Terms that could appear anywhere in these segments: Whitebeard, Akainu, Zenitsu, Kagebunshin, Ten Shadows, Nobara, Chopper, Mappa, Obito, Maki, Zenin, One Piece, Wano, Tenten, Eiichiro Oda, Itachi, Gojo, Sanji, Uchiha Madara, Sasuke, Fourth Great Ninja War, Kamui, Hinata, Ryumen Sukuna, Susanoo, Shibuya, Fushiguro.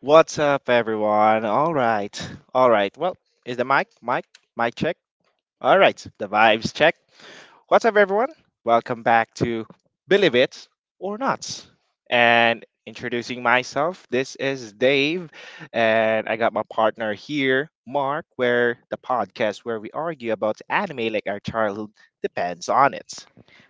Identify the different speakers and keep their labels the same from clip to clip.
Speaker 1: What's up, everyone? All right, all right. Well, is the mic check? All right, the vibes check. What's up, everyone? Welcome back to Believe It or Not. And introducing myself, this is Dave, and I got my partner here, Mark, where the podcast where we argue about anime like our childhood depends on it.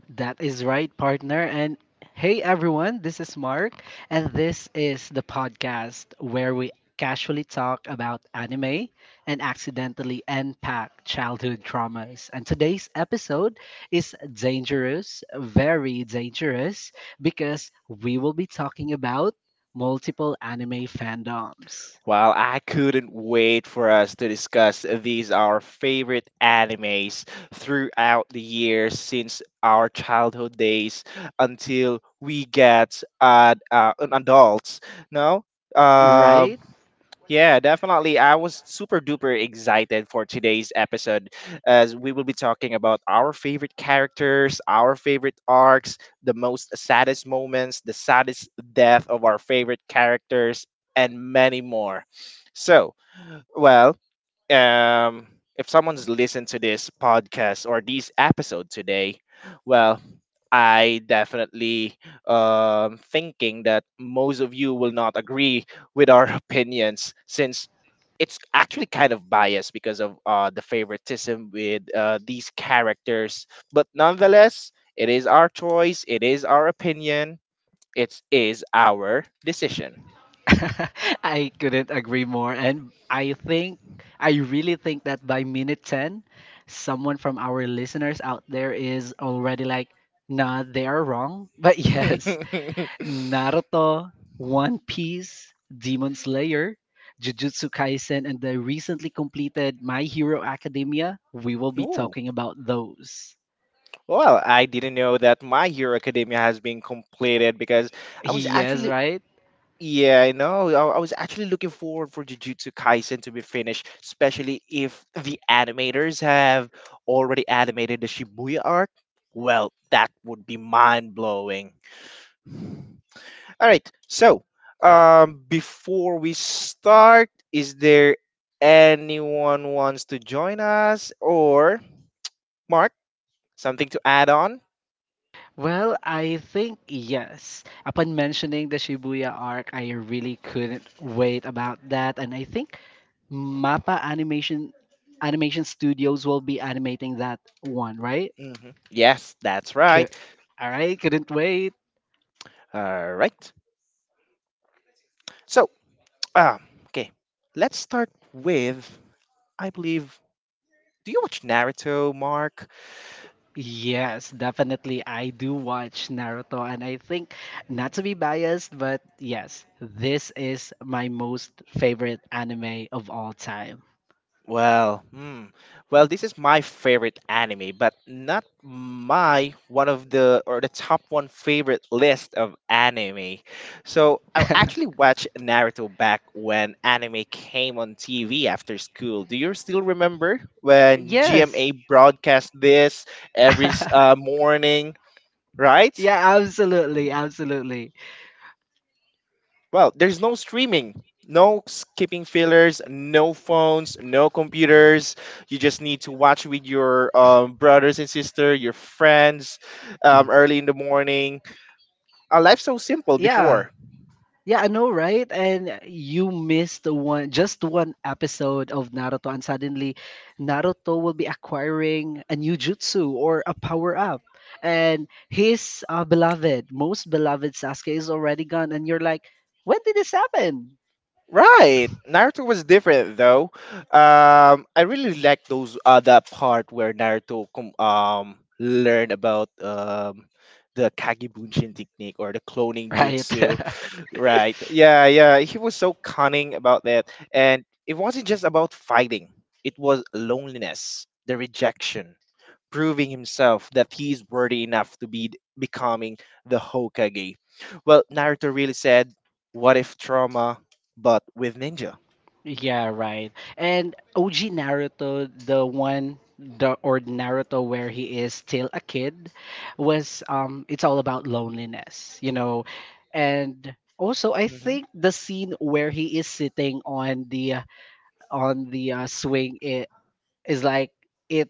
Speaker 2: That is right, partner. And hey, everyone, this is Mark, and this is the podcast where we casually talk about anime and accidentally unpack childhood traumas. And today's episode is dangerous, very dangerous, because we will be talking about multiple anime fandoms.
Speaker 1: Well, I couldn't wait for us to discuss these our favorite animes throughout the years since our childhood days until we get an adults. No? Um,
Speaker 2: Right?
Speaker 1: yeah, definitely. I was super duper excited for today's episode as we will be talking about our favorite characters, our favorite arcs, the most saddest moments, the saddest death of our favorite characters, and many more. So, well, um, if someone's listened to this podcast or these episode today, well, I definitely thinking that most of you will not agree with our opinions since it's actually kind of biased because of the favoritism with these characters. But nonetheless, it is our choice. It is our opinion. It is our decision.
Speaker 2: I couldn't agree more. And I really think that by minute 10, someone from our listeners out there is already like, nah, they are wrong. But yes, Naruto, One Piece, Demon Slayer, Jujutsu Kaisen, and the recently completed My Hero Academia, we will be
Speaker 1: Ooh,
Speaker 2: talking about those.
Speaker 1: well, I didn't know that My Hero Academia has been completed because I was
Speaker 2: Yes,
Speaker 1: actually
Speaker 2: right?
Speaker 1: yeah, I know. I was actually looking forward for Jujutsu Kaisen to be finished, especially if the animators have already animated the Shibuya arc. Well, that would be mind-blowing. All right. So, before we start, is there anyone wants to join us or Mark, something to add on?
Speaker 2: Well, I think yes. Upon mentioning the Shibuya arc, I really couldn't wait about that, and I think Mappa Animation Studios will be animating that one, right?
Speaker 1: Hmm. Yes, that's
Speaker 2: Cou-
Speaker 1: right.
Speaker 2: All right, couldn't wait.
Speaker 1: All right. So, um, okay, let's start with, I believe, do you watch Naruto, Mark?
Speaker 2: Yes, definitely. I do watch Naruto, and I think not to be biased, but yes, this is my most favorite anime of all time.
Speaker 1: Well, hmm. Well, this is my favorite anime, but not my one of the or the top one favorite list of anime. So I actually watched Naruto back when anime came on TV after school. Do you still remember when
Speaker 2: Yes.
Speaker 1: GMA broadcast this every morning? Right?
Speaker 2: Yeah, absolutely, absolutely.
Speaker 1: Well, there's no streaming, no skipping fillers, no phones, no computers. You just need to watch with your brothers and sister, your friends, early in the morning. Life's so simple
Speaker 2: Yeah.
Speaker 1: before.
Speaker 2: Yeah, I know, right? And you missed one just one episode of Naruto and suddenly Naruto will be acquiring a new jutsu or a power up. And his beloved, most beloved Sasuke is already gone and you're like, "When did this happen?"
Speaker 1: Right, Naruto was different though. I really like those that part where Naruto learned about the Kagebunshin technique or the cloning
Speaker 2: Right.
Speaker 1: jutsu. Right. Yeah, yeah. He was so cunning about that. And it wasn't just about fighting, it was loneliness, the rejection, proving himself that he's worthy enough to be becoming the Hokage. Well, Naruto really said, what if trauma, but with ninja?
Speaker 2: Yeah, right. And OG Naruto, the one the or Naruto where he is still a kid, was it's all about loneliness, you know. And also I
Speaker 1: Hmm.
Speaker 2: think the scene where he is sitting on the swing it is like it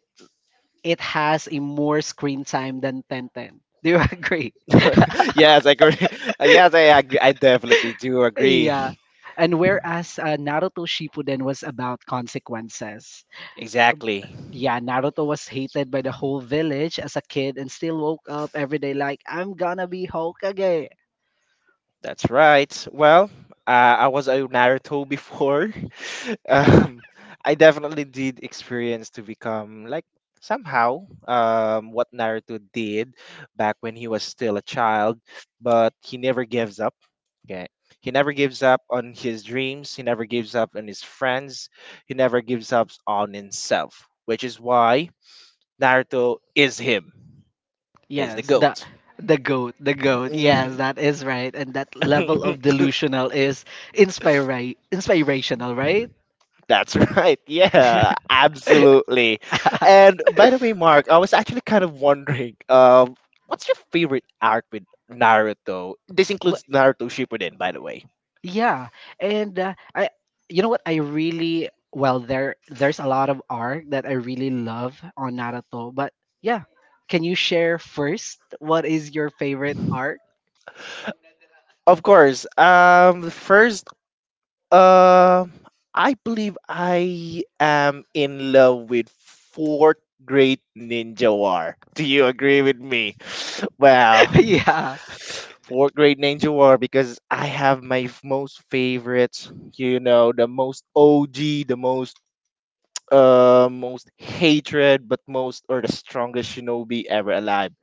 Speaker 2: it has a more screen time than Tenten. Do you agree?
Speaker 1: Yes, I agree. Yes, I agree. I definitely do
Speaker 2: Yeah.
Speaker 1: agree.
Speaker 2: And whereas Naruto Shippuden was about consequences,
Speaker 1: Exactly.
Speaker 2: yeah, Naruto was hated by the whole village as a kid and still woke up every day like, I'm gonna be Hokage.
Speaker 1: That's right. Well, uh, I was a Naruto before. um, I definitely did experience to become like somehow what Naruto did back when he was still a child, but he never gives up. Okay. He never gives up on his dreams. He never gives up on his friends. He never gives up on himself, which is why Naruto is him. He's the
Speaker 2: Yes,
Speaker 1: goat.
Speaker 2: the goat, the goat. Yes, that is right. And that level
Speaker 1: Mhm.
Speaker 2: of delusional is inspirational, right?
Speaker 1: That's right. Yeah, absolutely. And by the way, Mark, I was actually kind of wondering, what's your favorite arc with Naruto? This
Speaker 2: Wha-
Speaker 1: includes Naruto Shippuden, by the way.
Speaker 2: Yeah, and you know what? I really well there. There's a lot of art that I really love on Naruto, but yeah, can you share first? What is your favorite arc?
Speaker 1: Of course. The first, um, I believe I am in love with Fourth Great Ninja War. Do you agree with me? Wow.
Speaker 2: Yeah,
Speaker 1: Fourth grade Ninja War because I have my most favorites, you know, the most OG, the most most hatred, but most or the strongest shinobi ever alive.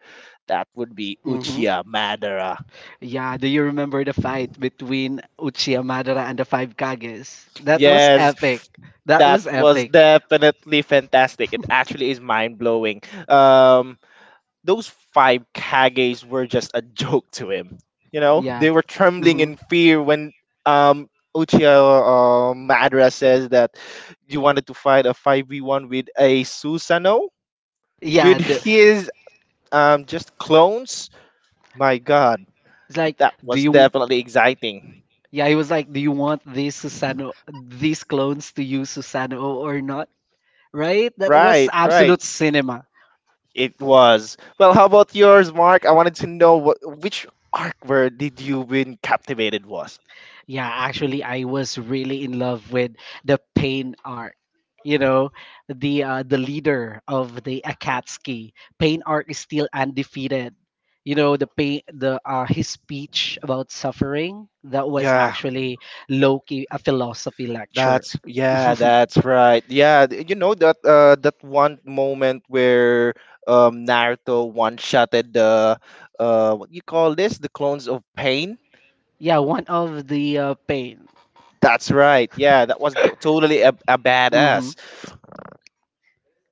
Speaker 1: That would be
Speaker 2: hmm
Speaker 1: Uchiha Madara.
Speaker 2: yeah. Do you remember the fight between Uchiha Madara and the Five Kages? That was
Speaker 1: Yes.
Speaker 2: epic. That
Speaker 1: That
Speaker 2: was
Speaker 1: was
Speaker 2: epic.
Speaker 1: definitely fantastic. It actually is mind blowing. Um. Those five kages were just a joke to him. You know,
Speaker 2: Yeah.
Speaker 1: they were trembling
Speaker 2: hmm
Speaker 1: in fear when um Uchiha Madara says that you wanted to fight a 5v1 with a Susanoo
Speaker 2: Yeah,
Speaker 1: with his just clones. My god,
Speaker 2: it's like,
Speaker 1: that
Speaker 2: do
Speaker 1: was
Speaker 2: you?
Speaker 1: definitely exciting.
Speaker 2: Yeah, he was like, do you want these Susano, these clones to use Susano or not? Right? That was
Speaker 1: Right, right.
Speaker 2: absolute cinema.
Speaker 1: It was. Well, how about yours, Mark? I wanted to know what which arc where did you win captivated was?
Speaker 2: Yeah, actually, I was really in love with the pain art. You know, the leader of the Akatsuki pain art is still undefeated. You know, the pain, the his speech about suffering that was
Speaker 1: Yeah.
Speaker 2: actually Loki a philosophy lecture.
Speaker 1: That's yeah, that's right. Yeah, you know that that one moment where Naruto one-shotted the what you call this? The clones of pain.
Speaker 2: Yeah, one of the pain.
Speaker 1: That's right. Yeah, that was totally a
Speaker 2: Mhm.
Speaker 1: badass.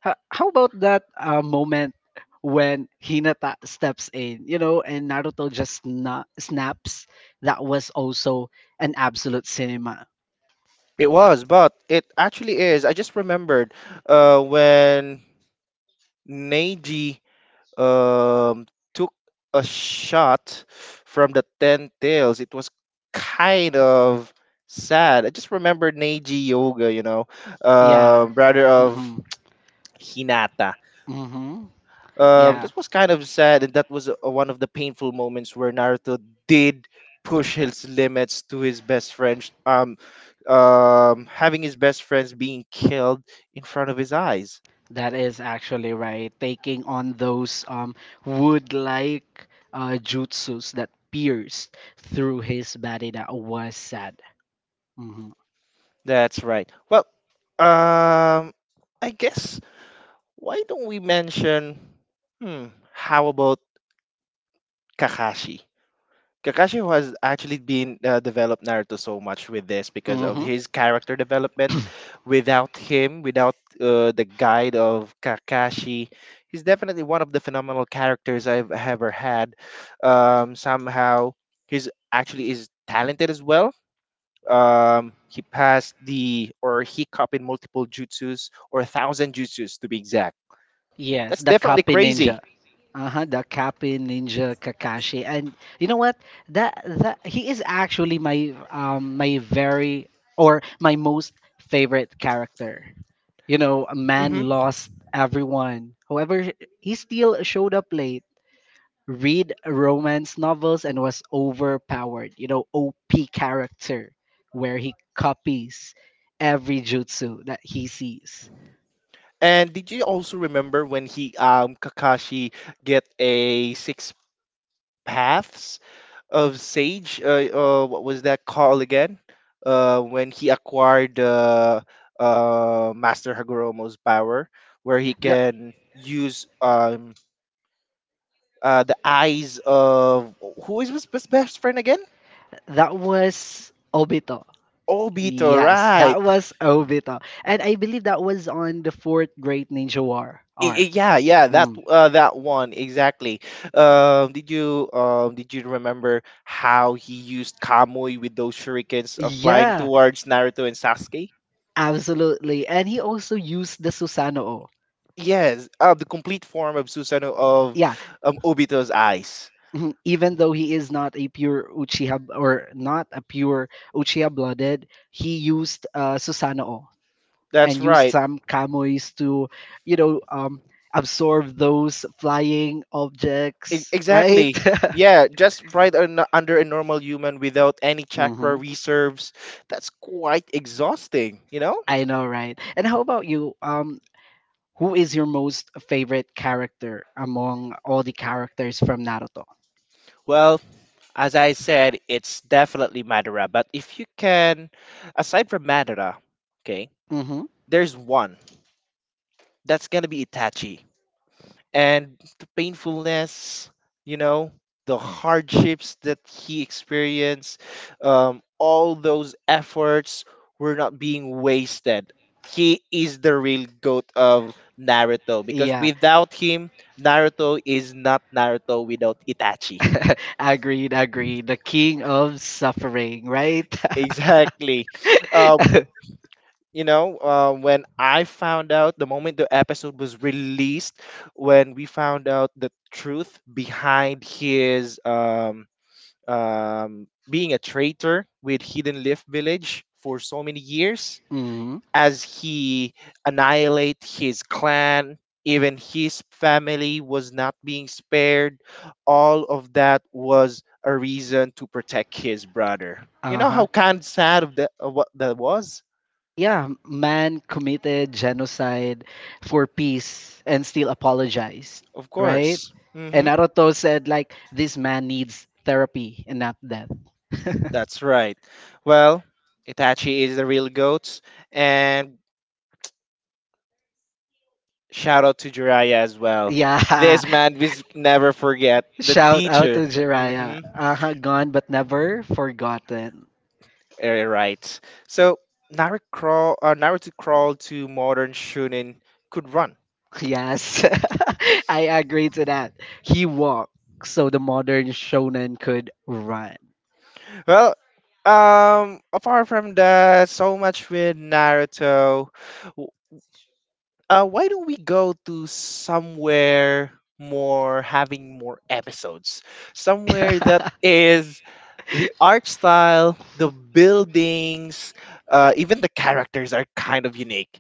Speaker 2: How about that moment when Hinata steps in, you know, and Naruto just snaps? That was also an absolute cinema.
Speaker 1: It was, but it actually is. I just remembered when Neji um, took a shot from the ten tails. It was kind of sad. I just remember Neji Yoga, you know,
Speaker 2: Yeah.
Speaker 1: brother of
Speaker 2: Mhm.
Speaker 1: Hinata.
Speaker 2: Mhm. Yeah.
Speaker 1: This was kind of sad, and that was one of the painful moments where Naruto did push his limits to his best friend. Having his best friends being killed in front of his eyes.
Speaker 2: That is actually right. Taking on those wood-like jutsus that pierced through his body, that was sad. Mm-hmm.
Speaker 1: That's right. Well, um, I guess why don't we mention, hmm, how about Kakashi? Kakashi who has actually been developed Naruto so much with this because of
Speaker 2: Mm-hmm.
Speaker 1: his character development. Without him, without the guide of Kakashi, he's definitely one of the phenomenal characters I've ever had. Somehow, he's actually is talented as well. He passed the or he copied multiple jutsus or a thousand jutsus to be exact.
Speaker 2: Yes,
Speaker 1: That's
Speaker 2: the
Speaker 1: definitely
Speaker 2: Kapi Ninja.
Speaker 1: crazy.
Speaker 2: Uh-huh, the Kapi Ninja Kakashi. And you know what? That he is actually my very or my most favorite character. You know, a man lost everyone. However, he still showed up late, read romance novels and was overpowered. You know, OP character where he copies every jutsu that he sees.
Speaker 1: And did you also remember when he Kakashi get a six paths of sage? What was that called again? When he acquired Master Hagoromo's power, where he
Speaker 2: That
Speaker 1: can use the eyes of who is his best best friend again?
Speaker 2: that was Obito.
Speaker 1: Obito,
Speaker 2: Yes,
Speaker 1: right?
Speaker 2: that was Obito. And I believe that was on the fourth Great Ninja War arc.
Speaker 1: Yeah, yeah, that
Speaker 2: Mm.
Speaker 1: that one exactly. Did you remember how he used Kamui with those shurikens flying
Speaker 2: Yeah,
Speaker 1: towards Naruto and Sasuke?
Speaker 2: absolutely. And he also used the Susanoo.
Speaker 1: Yes, the complete form of Susanoo of
Speaker 2: Yeah,
Speaker 1: Obito's eyes.
Speaker 2: mhm, even though he is not a pure Uchiha blooded, he used Susanoo.
Speaker 1: That's
Speaker 2: And use
Speaker 1: right.
Speaker 2: some kamois to, you know, absorb those flying objects, right?
Speaker 1: Exactly. Yeah, just right under a normal human without any chakra
Speaker 2: hmm
Speaker 1: reserves. That's quite exhausting, you know?
Speaker 2: I know, right? And how about you? Who is your most favorite character among all the characters from Naruto?
Speaker 1: Well, as I said, it's definitely Madara. But if you can, aside from Madara, okay,
Speaker 2: Mm-hmm.
Speaker 1: there's one that's gonna be Itachi, and the painfulness, you know, the hardships that he experienced, all those efforts were not being wasted. He is the real goat of Naruto because
Speaker 2: Yeah.
Speaker 1: without him, Naruto is not Naruto without Itachi.
Speaker 2: Agreed, agreed. The king of suffering, right?
Speaker 1: Exactly. Uh, you know, when I found out the moment the episode was released, when we found out the truth behind his being a traitor with Hidden Leaf Village for so many years,
Speaker 2: Mm-hmm.
Speaker 1: as he annihilate his clan, even his family was not being spared. All of that was a reason to protect his brother. You
Speaker 2: Uh
Speaker 1: know
Speaker 2: huh.
Speaker 1: how kind sad of that, of what that was.
Speaker 2: Yeah, man committed genocide for peace and still apologized,
Speaker 1: Of
Speaker 2: right?
Speaker 1: course.
Speaker 2: And
Speaker 1: Hmm.
Speaker 2: Naruto said, like, this man needs therapy and not death.
Speaker 1: That's right. Well, Itachi is the real goat, and shout out to Jiraiya as well.
Speaker 2: Yeah,
Speaker 1: This man we never forget the
Speaker 2: shout out
Speaker 1: teacher.
Speaker 2: to Jiraiya.
Speaker 1: Hmm.
Speaker 2: Uh-huh, gone but never forgotten.
Speaker 1: Alright. So Naruto crawled to modern Shunin could run.
Speaker 2: Yes, I agree to that. He walked so the modern shonen could run.
Speaker 1: Well, apart from that, so much with Naruto. Why don't we go to somewhere more having more episodes? Somewhere that is the art style, the buildings, even the characters are kind of unique.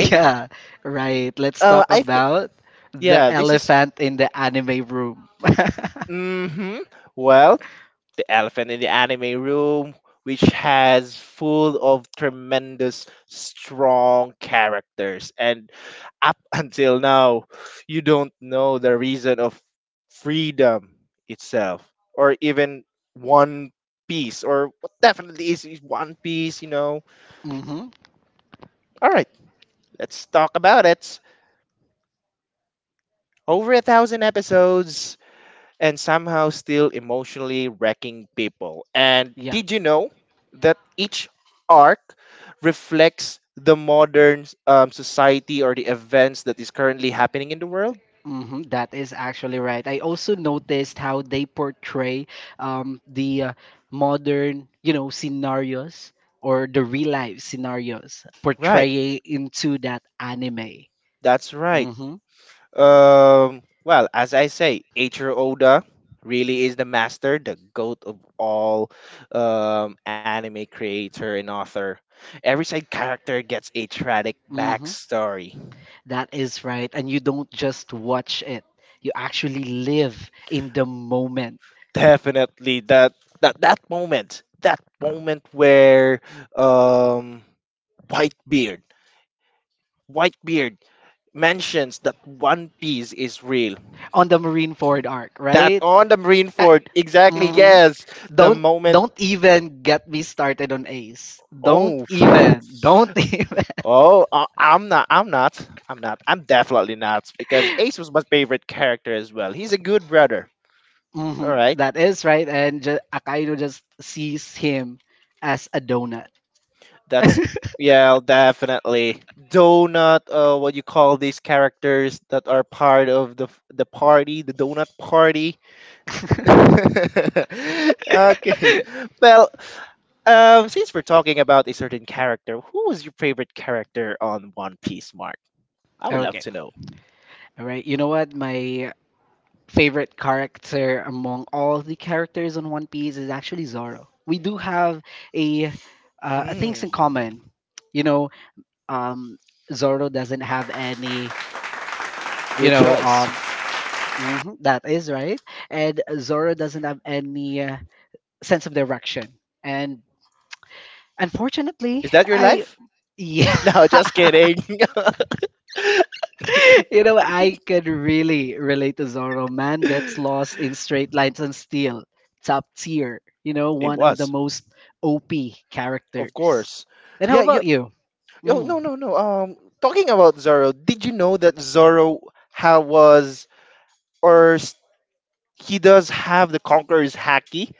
Speaker 2: Yeah, right. Let's talk
Speaker 1: I think,
Speaker 2: about the
Speaker 1: yeah, this is.
Speaker 2: elephant in the anime room.
Speaker 1: Hmm. Well, the elephant in the anime room, which has full of tremendous, strong characters and up until now you don't know the reason of freedom itself or even one piece or what definitely is one piece, you know.
Speaker 2: hmm
Speaker 1: All right, let's talk about it. Over a thousand episodes and somehow still emotionally wrecking people. And
Speaker 2: Yeah.
Speaker 1: did you know that each arc reflects the modern society or the events that is currently happening in the world?
Speaker 2: That is actually right. I also noticed how they portray the modern, you know, scenarios or the real life scenarios
Speaker 1: Right.
Speaker 2: portraying into that anime.
Speaker 1: That's right.
Speaker 2: Mm-hmm.
Speaker 1: Well, as I say, Eiichiro Oda really is the master, the goat of all anime creator and author. Every side character gets a tragic
Speaker 2: Mm-hmm.
Speaker 1: backstory.
Speaker 2: That is right. And you don't just watch it. You actually live in the moment
Speaker 1: Definitely that moment, that moment where um, Whitebeard Whitebeard mentions that One Piece is real.
Speaker 2: on the Marine Ford arc,
Speaker 1: That
Speaker 2: right?
Speaker 1: on the
Speaker 2: I,
Speaker 1: Marineford, exactly,
Speaker 2: hmm
Speaker 1: yes. The
Speaker 2: Don't
Speaker 1: moment,
Speaker 2: even get me started on Ace. Don't
Speaker 1: oh,
Speaker 2: even. Don't even.
Speaker 1: oh, I'm not, I'm not, I'm not, I'm definitely not, because Ace was my favorite character as well. He's a good brother. All right,
Speaker 2: That is right. And Akainu just sees him as a donut.
Speaker 1: that's yeah, definitely. Donut, what you call these characters that are part of the the party, the donut party. Okay, well, since we're talking about a certain character, who was your favorite character on One Piece, Mark? I would love
Speaker 2: Okay.
Speaker 1: to know.
Speaker 2: All right. You know what? My favorite character among all the characters on One Piece is actually Zoro. We do have a, a things
Speaker 1: Hmm,
Speaker 2: in common. You know, um, Zoro doesn't have any. You
Speaker 1: good
Speaker 2: know,
Speaker 1: choice.
Speaker 2: Mhm, that is right. And Zoro doesn't have any sense of direction. And unfortunately,
Speaker 1: Is that your
Speaker 2: I
Speaker 1: life?
Speaker 2: yeah,
Speaker 1: No, just kidding.
Speaker 2: you know, I could really relate to Zoro. Man gets
Speaker 1: It
Speaker 2: lost in straight lines and steel. Top tier. You know, one of the
Speaker 1: was,
Speaker 2: most OP
Speaker 1: of
Speaker 2: characters.
Speaker 1: course.
Speaker 2: And how
Speaker 1: Yeah, yo,
Speaker 2: about you?
Speaker 1: yo, no,
Speaker 2: Mm.
Speaker 1: no, no. Talking about Zoro, did you know that Zoro ha was or s- he does have the Conqueror's Haki?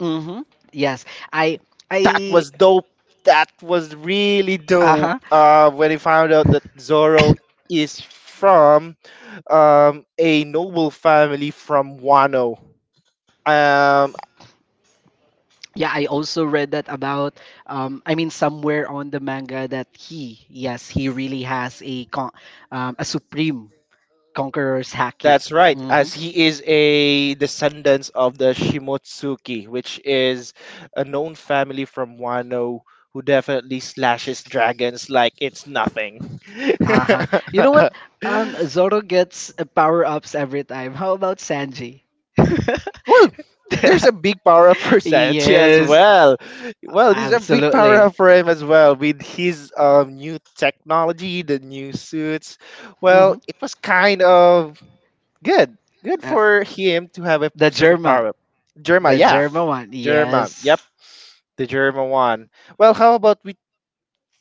Speaker 2: Mhm. Yes, I
Speaker 1: That
Speaker 2: I
Speaker 1: was dope. That was really dope.
Speaker 2: Uh
Speaker 1: When I found out that Zoro is from a noble family from Wano. Um,
Speaker 2: Yeah, I also read that about I mean somewhere on the manga that he yes, he really has a a supreme conqueror's haki.
Speaker 1: that's right, as
Speaker 2: Mhm.
Speaker 1: he is a descendant of the Shimotsuki, which is a known family from Wano who definitely slashes dragons like it's nothing.
Speaker 2: Uh-huh. You know what? Zoro gets power-ups every time. How about Sanji?
Speaker 1: Well, there's a big power up for Sanchi as
Speaker 2: Yes,
Speaker 1: well. Well, there's a big power
Speaker 2: absolutely.
Speaker 1: up for him as well with his new technology, the new suits. Well,
Speaker 2: hmm
Speaker 1: it was kind of good. Good
Speaker 2: Uh,
Speaker 1: for him to have a
Speaker 2: the
Speaker 1: certain
Speaker 2: German.
Speaker 1: power up. Germa,
Speaker 2: The
Speaker 1: yeah.
Speaker 2: German one.
Speaker 1: Germa,
Speaker 2: Yes.
Speaker 1: yep. The Germa one. Well, how about we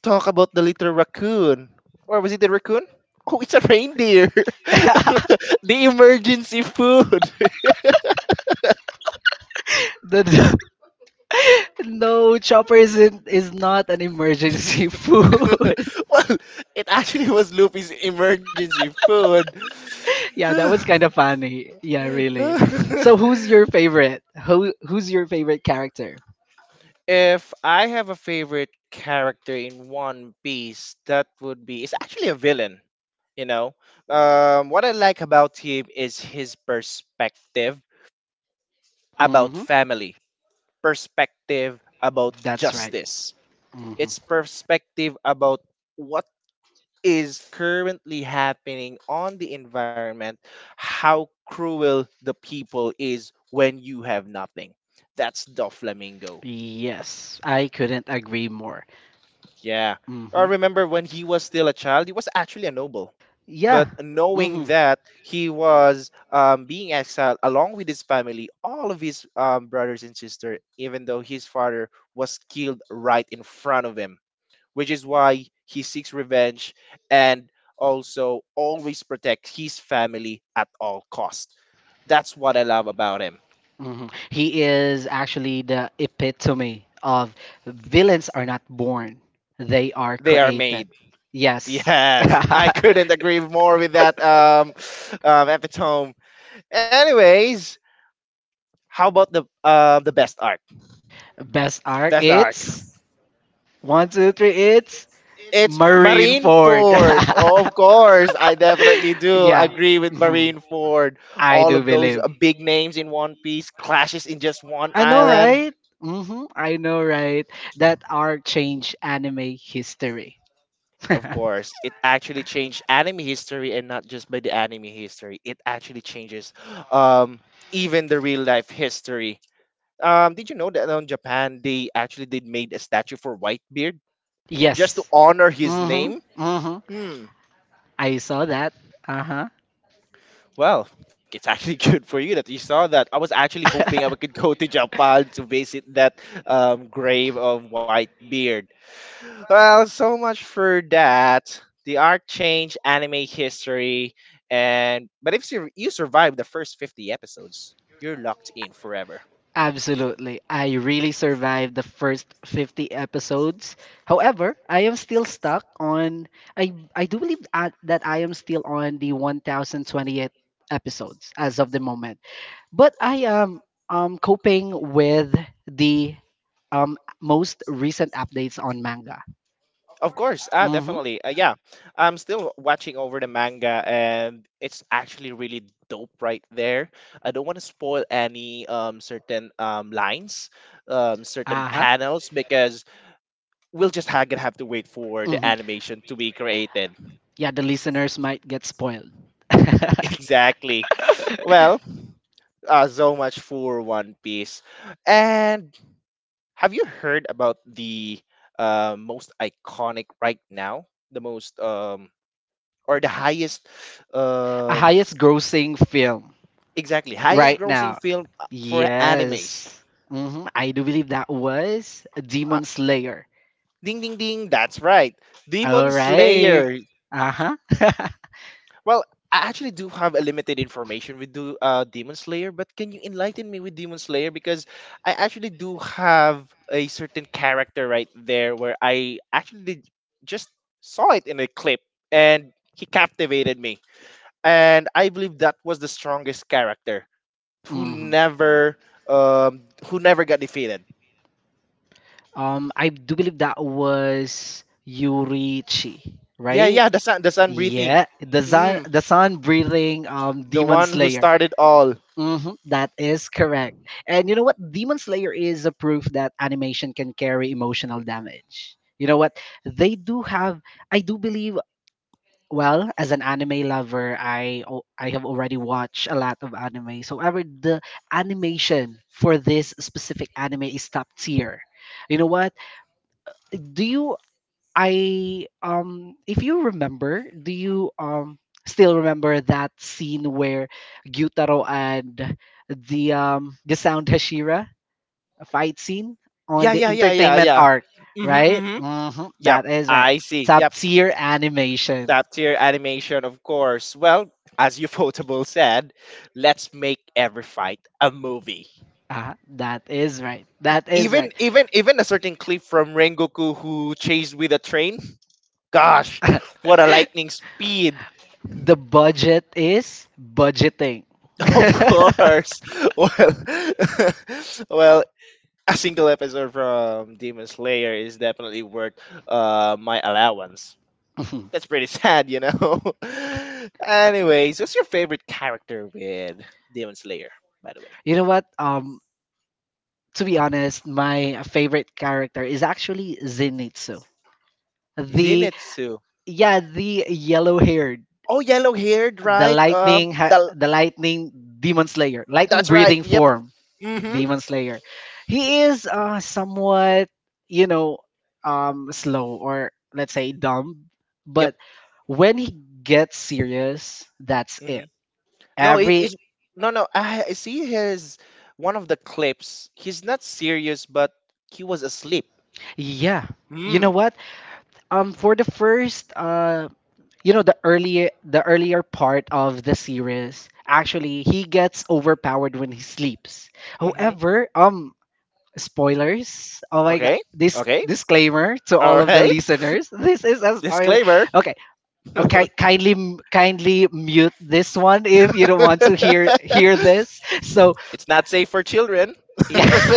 Speaker 1: talk about the little raccoon? Or was it the raccoon? Oh, it's a reindeer.
Speaker 2: the,
Speaker 1: the emergency food.
Speaker 2: no, Chopper isn't is not an emergency food.
Speaker 1: well, it actually was Luffy's emergency food.
Speaker 2: Yeah, that was kind of funny. Yeah, really. So who's your favorite? Who's your favorite character?
Speaker 1: If I have a favorite character in One Piece, that would be it's actually a villain. You know, what I like about him is his perspective about
Speaker 2: hmm
Speaker 1: family, perspective about
Speaker 2: That's right.
Speaker 1: justice.
Speaker 2: hmm
Speaker 1: It's perspective about what is currently happening on the environment, how cruel the people is when you have nothing. That's the flamingo.
Speaker 2: Yes, I couldn't agree more.
Speaker 1: Yeah.
Speaker 2: hmm
Speaker 1: I remember when he was still a child, he was actually a noble.
Speaker 2: Yeah.
Speaker 1: But knowing
Speaker 2: hmm
Speaker 1: that he was being exiled along with his family, all of his brothers and sister, even though his father was killed right in front of him, which is why he seeks revenge and also always protects his family at all costs. That's what I love about him.
Speaker 2: He is actually the epitome of villains are not born, they are
Speaker 1: They are
Speaker 2: created.
Speaker 1: made.
Speaker 2: Yes.
Speaker 1: Yes, I couldn't agree more with that epitome. Anyways, how about the best arc?
Speaker 2: Best arc,
Speaker 1: Best arc.
Speaker 2: it's One, two, three. It's
Speaker 1: It's
Speaker 2: Marine Ford.
Speaker 1: Marineford.
Speaker 2: Yeah.
Speaker 1: Of course, I definitely do agree with
Speaker 2: Mhm.
Speaker 1: Marineford.
Speaker 2: I
Speaker 1: All
Speaker 2: do
Speaker 1: of those
Speaker 2: believe.
Speaker 1: big names in One Piece clashes in just one
Speaker 2: I know,
Speaker 1: island.
Speaker 2: right? I know, right? That are change anime history.
Speaker 1: Of course, it actually changed anime history, and not just by the anime history. It actually changes, um, even the real life history. Did you know that in Japan they actually did made a statue for Whitebeard just to
Speaker 2: Yes.
Speaker 1: honor his
Speaker 2: hmm
Speaker 1: name?
Speaker 2: hmm
Speaker 1: Hmm.
Speaker 2: I saw that. Uh
Speaker 1: Well, it's actually good for you that you saw that. I was actually hoping I
Speaker 2: huh.
Speaker 1: could go to Japan to visit that grave of Whitebeard. Well, so much for that. The arc changed anime history, and but if you survive the first 50 episodes, you're locked in forever.
Speaker 2: Absolutely. I really survived the first 50 episodes. However, I am still stuck on I do believe that I am still on the 1028 episodes as of the moment. But I am coping with the most recent updates on manga.
Speaker 1: Of course, ah,
Speaker 2: Mhm.
Speaker 1: definitely, yeah. I'm still watching over the manga, and it's actually really dope right there. I don't want to spoil any certain lines, certain
Speaker 2: Uh-huh.
Speaker 1: panels because we'll just gonna have to wait for the
Speaker 2: Mhm.
Speaker 1: animation to be created.
Speaker 2: Yeah, the listeners might get spoiled.
Speaker 1: Exactly. Well, so much for One Piece. And have you heard about the most iconic right now? The most or the highest
Speaker 2: A
Speaker 1: um
Speaker 2: highest grossing film.
Speaker 1: exactly highest
Speaker 2: Right
Speaker 1: grossing
Speaker 2: now.
Speaker 1: film for animes.
Speaker 2: Yes. I do believe that was
Speaker 1: Uh,
Speaker 2: Demon Slayer.
Speaker 1: ding ding ding. That's right.
Speaker 2: All
Speaker 1: Demon
Speaker 2: right.
Speaker 1: Slayer.
Speaker 2: Uh huh.
Speaker 1: Well, I actually do have a limited information with do Demon Slayer, but can you enlighten me with Demon Slayer because I actually do have a certain character right there where I actually just saw it in a clip and he captivated me, and I believe that was the strongest character who
Speaker 2: hmm
Speaker 1: never um who never got defeated.
Speaker 2: I do believe that was Yurichi,
Speaker 1: Yeah,
Speaker 2: right?
Speaker 1: yeah, the sun breathing.
Speaker 2: Yeah,
Speaker 1: Mm,
Speaker 2: the sun breathing
Speaker 1: the
Speaker 2: demon
Speaker 1: one who
Speaker 2: slayer.
Speaker 1: started all.
Speaker 2: Mm-hmm, that is correct. And you know what? Demon Slayer is a proof that animation can carry emotional damage. You know what? They do have. I do believe. Well, as an anime lover, I have already watched a lot of anime. So, however, the animation for this specific anime is top tier. You know what? Do you I if you remember do you still remember that scene where gyutaro and the sound hashira fight scene on
Speaker 1: Yeah,
Speaker 2: the
Speaker 1: yeah, yeah, yeah,
Speaker 2: entertainment
Speaker 1: yeah.
Speaker 2: arc right?
Speaker 1: hmm Yep,
Speaker 2: That is right,
Speaker 1: I see.
Speaker 2: top
Speaker 1: Yep,
Speaker 2: tier animation.
Speaker 1: top tier animation, of course. Well, as you potable said, let's make every fight a movie.
Speaker 2: Ah, that is right, that is
Speaker 1: Even
Speaker 2: right.
Speaker 1: even even a certain clip from Rengoku who chased with a train. Gosh, what a lightning speed!
Speaker 2: The budget is budgeting.
Speaker 1: Of course. Well, well, a single episode from Demon Slayer is definitely worth my allowance.
Speaker 2: Mhm.
Speaker 1: That's pretty sad, you know. Anyways, what's your favorite character with Demon Slayer, by the way?
Speaker 2: You know what? To be honest, my favorite character is actually Zenitsu. The
Speaker 1: Zenitsu.
Speaker 2: Yeah, the yellow-haired,
Speaker 1: Oh, yellow-haired, right?
Speaker 2: the lightning demon slayer, lightning
Speaker 1: That's right.
Speaker 2: breathing
Speaker 1: Yep.
Speaker 2: form
Speaker 1: Mm-hmm.
Speaker 2: demon slayer. He is somewhat, you know, slow or let's say dumb,
Speaker 1: Yep.
Speaker 2: but when he gets serious, that's it.
Speaker 1: hmm No, it
Speaker 2: Every
Speaker 1: is no. I see his one of the clips. He's not serious, but he was asleep.
Speaker 2: Yeah. You know
Speaker 1: Mm.
Speaker 2: what? For the first you know the earlier part of the series actually he gets overpowered when he sleeps.
Speaker 1: hmm
Speaker 2: However, spoilers, oh my god,
Speaker 1: Okay.
Speaker 2: this
Speaker 1: Okay.
Speaker 2: disclaimer to
Speaker 1: All
Speaker 2: all of the
Speaker 1: right.
Speaker 2: listeners. This is a spoiler.
Speaker 1: Disclaimer.
Speaker 2: Okay, okay, kindly kindly mute this one if you don't want to hear this. So
Speaker 1: It's not safe for children.
Speaker 2: yeah,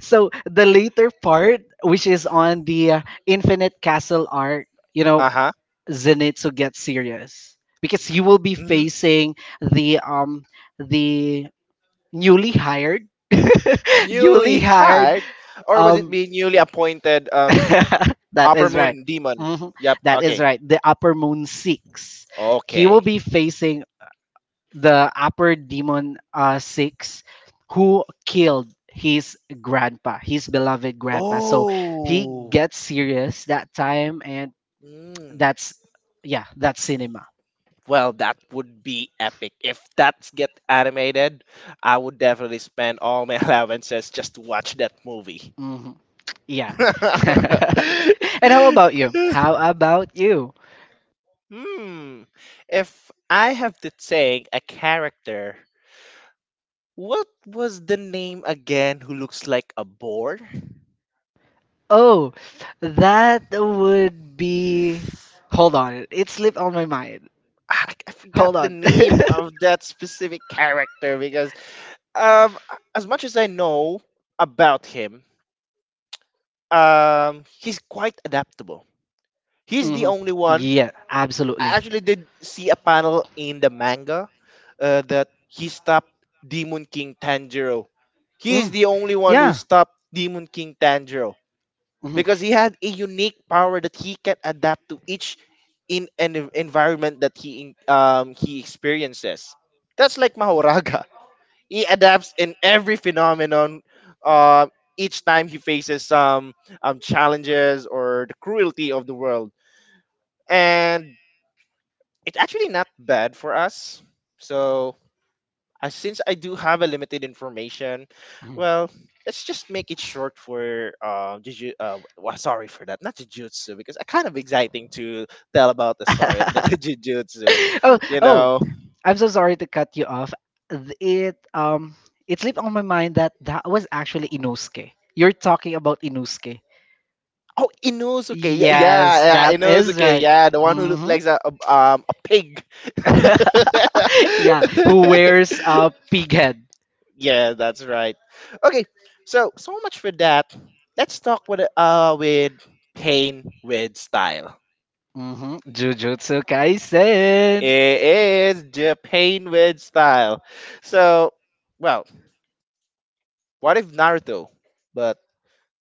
Speaker 2: so the later part which is on the infinite castle arc, you know,
Speaker 1: Uh huh.
Speaker 2: Zenitsu gets serious because you will be
Speaker 1: hmm
Speaker 2: facing the um the newly hired,
Speaker 1: Newly
Speaker 2: newly hired
Speaker 1: hired, or was it
Speaker 2: um
Speaker 1: being newly appointed
Speaker 2: that
Speaker 1: upper
Speaker 2: is right.
Speaker 1: moon demon?
Speaker 2: Mhm.
Speaker 1: Yep.
Speaker 2: That is
Speaker 1: Okay.
Speaker 2: right. The Upper Moon Six. He will
Speaker 1: Okay.
Speaker 2: be facing the Upper Demon Six, who killed his grandpa, his beloved grandpa. So he
Speaker 1: Oh,
Speaker 2: gets serious that time, and
Speaker 1: mm,
Speaker 2: that's yeah, that's cinema.
Speaker 1: well, that would be epic. If that's get animated, I would definitely spend all my allowances just to watch that movie.
Speaker 2: hmm Yeah. And how
Speaker 1: hmm.
Speaker 2: about you? How about you?
Speaker 1: If I have to take a character, what was the name again? Who looks like a boar?
Speaker 2: Oh, that would be. Hold on, it slipped on my mind.
Speaker 1: I forgot
Speaker 2: Hold
Speaker 1: the
Speaker 2: on.
Speaker 1: name of that specific character because um as much as I know about him, he's quite adaptable. He's the
Speaker 2: hmm
Speaker 1: only one.
Speaker 2: Yeah,
Speaker 1: I
Speaker 2: absolutely.
Speaker 1: actually did see a panel in the manga that he stopped Demon King Tanjiro. He is
Speaker 2: Mm.
Speaker 1: the only one who
Speaker 2: Yeah.
Speaker 1: stopped Demon King Tanjiro
Speaker 2: Mhm,
Speaker 1: because he had a unique power that he can adapt to each in an environment that he he experiences. That's like Mahoraga. He adapts in every phenomenon. Uh, each time he faces some challenges or the cruelty of the world, and it's actually not bad for us. So, since I do have a limited information,
Speaker 2: mhm.
Speaker 1: well, let's just make it short for Juju. Sorry for that, not Jujutsu, because I kind of exciting to tell about the story of the Jujutsu.
Speaker 2: oh,
Speaker 1: You
Speaker 2: oh,
Speaker 1: know.
Speaker 2: I'm so sorry to cut you off. Th- It um, it slipped on my mind that that was actually Inosuke. You're talking about Inosuke.
Speaker 1: Oh, Inosuke. Yeah,
Speaker 2: Yes,
Speaker 1: yeah, yeah,
Speaker 2: that is
Speaker 1: Inosuke.
Speaker 2: right.
Speaker 1: Yeah, the one who looked
Speaker 2: hmm
Speaker 1: like a pig.
Speaker 2: yeah, who wears a pig head?
Speaker 1: yeah, that's right. Okay, so so much for that. Let's talk with pain with style.
Speaker 2: Jujutsu Kaisen.
Speaker 1: It is Japan with style. So, well, what if Naruto, but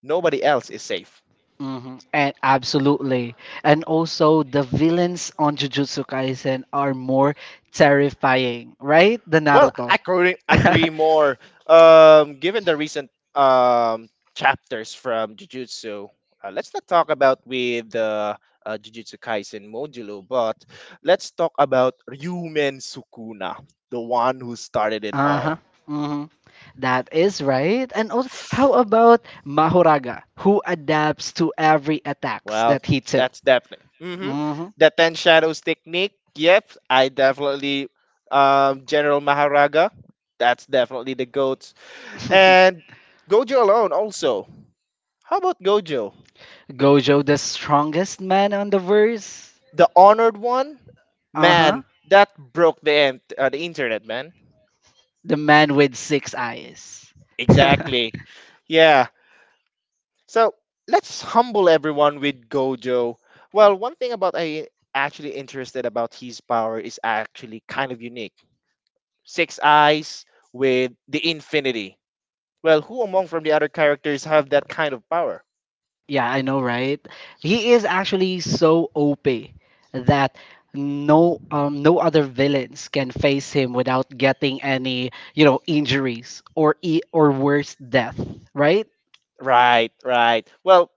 Speaker 1: nobody else is safe?
Speaker 2: And absolutely. And also, the villains on Jujutsu Kaisen are more terrifying, right? The
Speaker 1: Well,
Speaker 2: Naruto.
Speaker 1: I couldn't agree more. Given the recent um, chapters from Jujutsu, let's not talk about with Jujutsu Kaisen Modulo, but let's talk about Ryumen Sukuna, the one who started it
Speaker 2: Uh huh.
Speaker 1: all.
Speaker 2: Mm-hmm. That is right. And also, how about Mahoraga, who adapts to every attacks
Speaker 1: Well,
Speaker 2: that he took?
Speaker 1: that's definitely hmm
Speaker 2: hmm
Speaker 1: the Ten Shadows technique. Yep, I definitely General Maharaga. That's definitely the goat, and Gojo alone also. How about Gojo?
Speaker 2: Gojo, the strongest man on the verse.
Speaker 1: The honored one,
Speaker 2: Uh huh.
Speaker 1: man, that broke the internet, man.
Speaker 2: The man with six eyes.
Speaker 1: Exactly. Yeah. So let's humble everyone with Gojo. Well, one thing about I actually interested about his power is actually kind of unique. Six eyes with the infinity. Well, who among from the other characters have that kind of power?
Speaker 2: Yeah, I know, right? He is actually so OP that no other villains can face him without getting any, you know, injuries or worse death, right?
Speaker 1: Right, right. Well,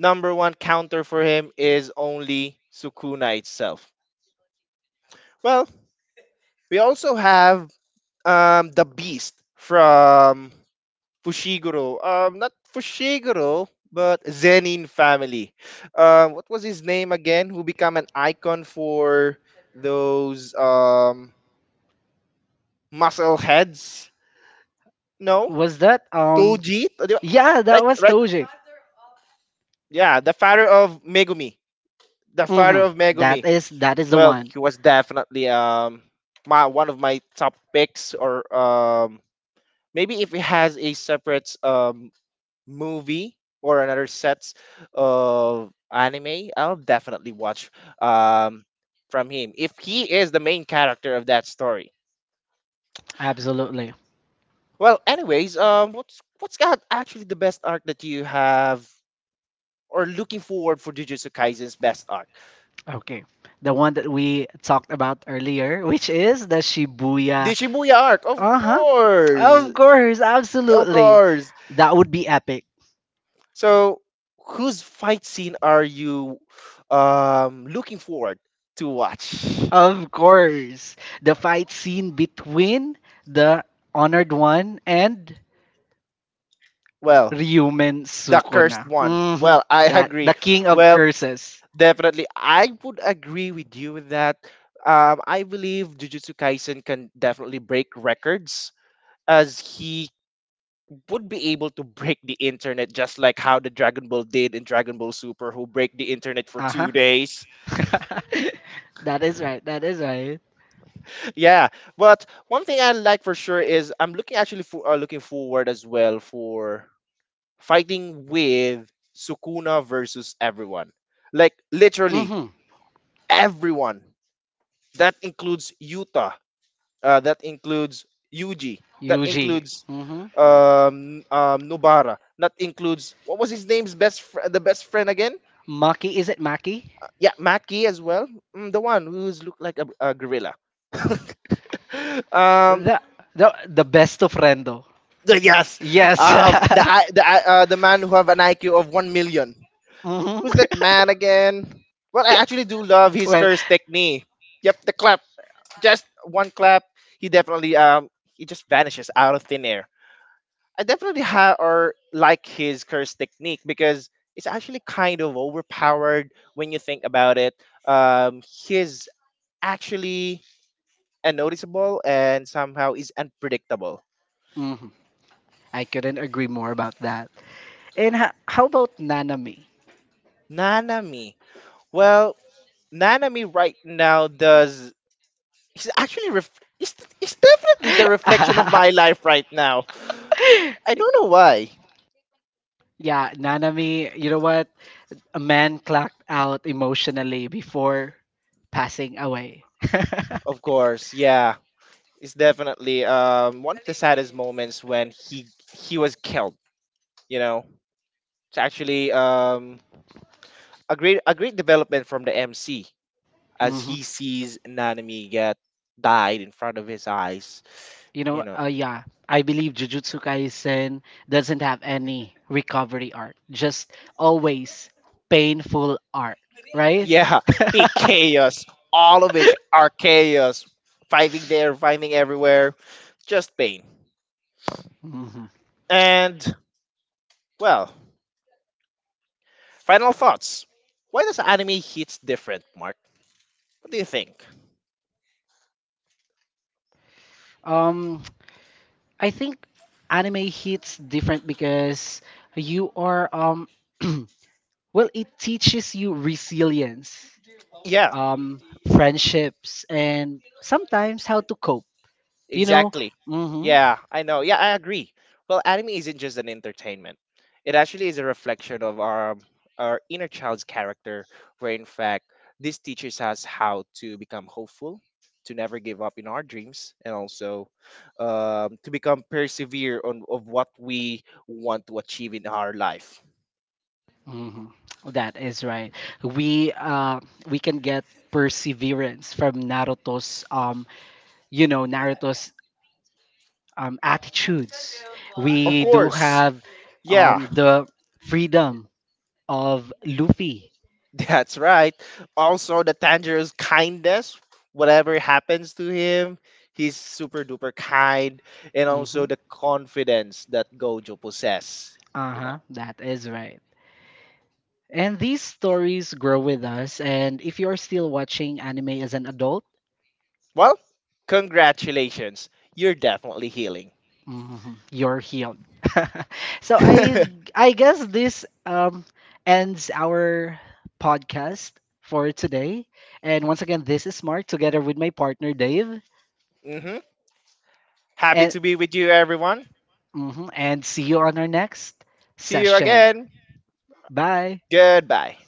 Speaker 1: number one counter for him is only Sukuna itself. Well, we also have the beast from Fushiguro. Not Fushiguro, but Zenin family. What was his name again? Who become an icon for those muscle heads? No?
Speaker 2: Was that
Speaker 1: Toji? Di ba?
Speaker 2: Yeah, that
Speaker 1: Right,
Speaker 2: was
Speaker 1: right.
Speaker 2: Toji.
Speaker 1: Yeah, the father of Megumi. The father
Speaker 2: Mhm.
Speaker 1: of Megumi.
Speaker 2: That is the
Speaker 1: Well,
Speaker 2: one.
Speaker 1: he was definitely my one of my top picks or maybe if it has a separate movie or another sets of anime, I'll definitely watch um from him if he is the main character of that story.
Speaker 2: Absolutely.
Speaker 1: Well, anyways, what's got actually the best arc that you have or looking forward for Jujutsu Kaisen's best arc?
Speaker 2: Okay. The one that we talked about earlier, which is the
Speaker 1: The
Speaker 2: Shibuya.
Speaker 1: Shibuya arc, of
Speaker 2: Uh huh. Of
Speaker 1: course,
Speaker 2: course,
Speaker 1: of
Speaker 2: absolutely.
Speaker 1: course.
Speaker 2: That would be epic.
Speaker 1: So, whose fight scene are you looking forward to watch?
Speaker 2: Of course. The fight scene between the Honored One and
Speaker 1: Well,
Speaker 2: Ryumen
Speaker 1: the
Speaker 2: Sukuna.
Speaker 1: cursed one. Well, I
Speaker 2: That
Speaker 1: agree.
Speaker 2: the king of
Speaker 1: Well,
Speaker 2: curses.
Speaker 1: definitely, I would agree with you with that. I believe Jujutsu Kaisen can definitely break records as he would be able to break the internet just like how the Dragon Ball did in Dragon Ball Super who break the internet for
Speaker 2: Uh huh.
Speaker 1: 2 days.
Speaker 2: That is right. That is right.
Speaker 1: Yeah, but one thing I like for sure is I'm looking actually for looking forward as well for fighting with Sukuna versus everyone. Like literally
Speaker 2: Mm-hmm.
Speaker 1: everyone. That includes Yuta. That includes Yuji. That
Speaker 2: Yuji.
Speaker 1: includes
Speaker 2: Mm-hmm.
Speaker 1: Nobara. That includes what was his name's the best friend again?
Speaker 2: Maki, is it Maki?
Speaker 1: Yeah, Maki as well. Mm, the one who's looked like a gorilla. um,
Speaker 2: The the best of Rendo.
Speaker 1: The- yes,
Speaker 2: Yes.
Speaker 1: the man who have an IQ of 1,000,000.
Speaker 2: Mhm.
Speaker 1: Who's that man again? Well, I actually do love his
Speaker 2: Well.
Speaker 1: curse technique. Yep, the clap, just one clap. He definitely he just vanishes out of thin air. I definitely ha or like his curse technique because it's actually kind of overpowered when you think about it. He's actually unnoticeable and somehow is unpredictable.
Speaker 2: hmm I couldn't agree more about that. And how about Nanami?
Speaker 1: Nanami. Well, Nanami right now does is actually ref, it's is definitely the reflection of my life right now. I don't know why.
Speaker 2: Yeah, Nanami, you know what? A man clocked out emotionally before passing away.
Speaker 1: Of course, yeah, it's definitely one of the saddest moments when he was killed. You know, it's actually a great development from the MC as
Speaker 2: Mhm.
Speaker 1: he sees Nanami get died in front of his eyes.
Speaker 2: You
Speaker 1: You
Speaker 2: know,
Speaker 1: know.
Speaker 2: yeah, I believe Jujutsu Kaisen doesn't have any recovery arc, just always painful arc, right?
Speaker 1: Yeah, big chaos, all of which are chaos, fighting there, fighting everywhere, just pain.
Speaker 2: Mhm.
Speaker 1: And well, final thoughts. Why does anime hits different, Mark? What do you think?
Speaker 2: Um, I think anime hits different because you are well, it teaches you resilience,
Speaker 1: Yeah,
Speaker 2: um, friendships, and sometimes how to cope. You know,
Speaker 1: exactly.
Speaker 2: mm-hmm.
Speaker 1: Yeah, I know. Yeah, I agree. Well, anime isn't just an entertainment. It actually is a reflection of our inner child's character, where in fact this teaches us how to become hopeful, to never give up in our dreams, and also to become persevere on of what we want to achieve in our life.
Speaker 2: Mhm. That is right. We uh we can get perseverance from Naruto's you know Naruto's attitudes.
Speaker 1: Of
Speaker 2: We do
Speaker 1: course,
Speaker 2: have
Speaker 1: yeah.
Speaker 2: the freedom of Luffy.
Speaker 1: That's right. Also, the Tanjiro's kindness, whatever happens to him, he's super duper kind, and also
Speaker 2: Mhm.
Speaker 1: the confidence that Gojo possess. You know.
Speaker 2: Uh-huh. That is right. And these stories grow with us and if you're still watching anime as an adult,
Speaker 1: Well, congratulations. You're definitely healing.
Speaker 2: mhm, you're healed. So I guess this ends our podcast for today. And once again, this is Mark together with my partner Dave.
Speaker 1: hmm Happy
Speaker 2: And
Speaker 1: to be with you, everyone.
Speaker 2: mhm, and see you on our next
Speaker 1: See you
Speaker 2: session.
Speaker 1: again.
Speaker 2: Bye.
Speaker 1: Goodbye.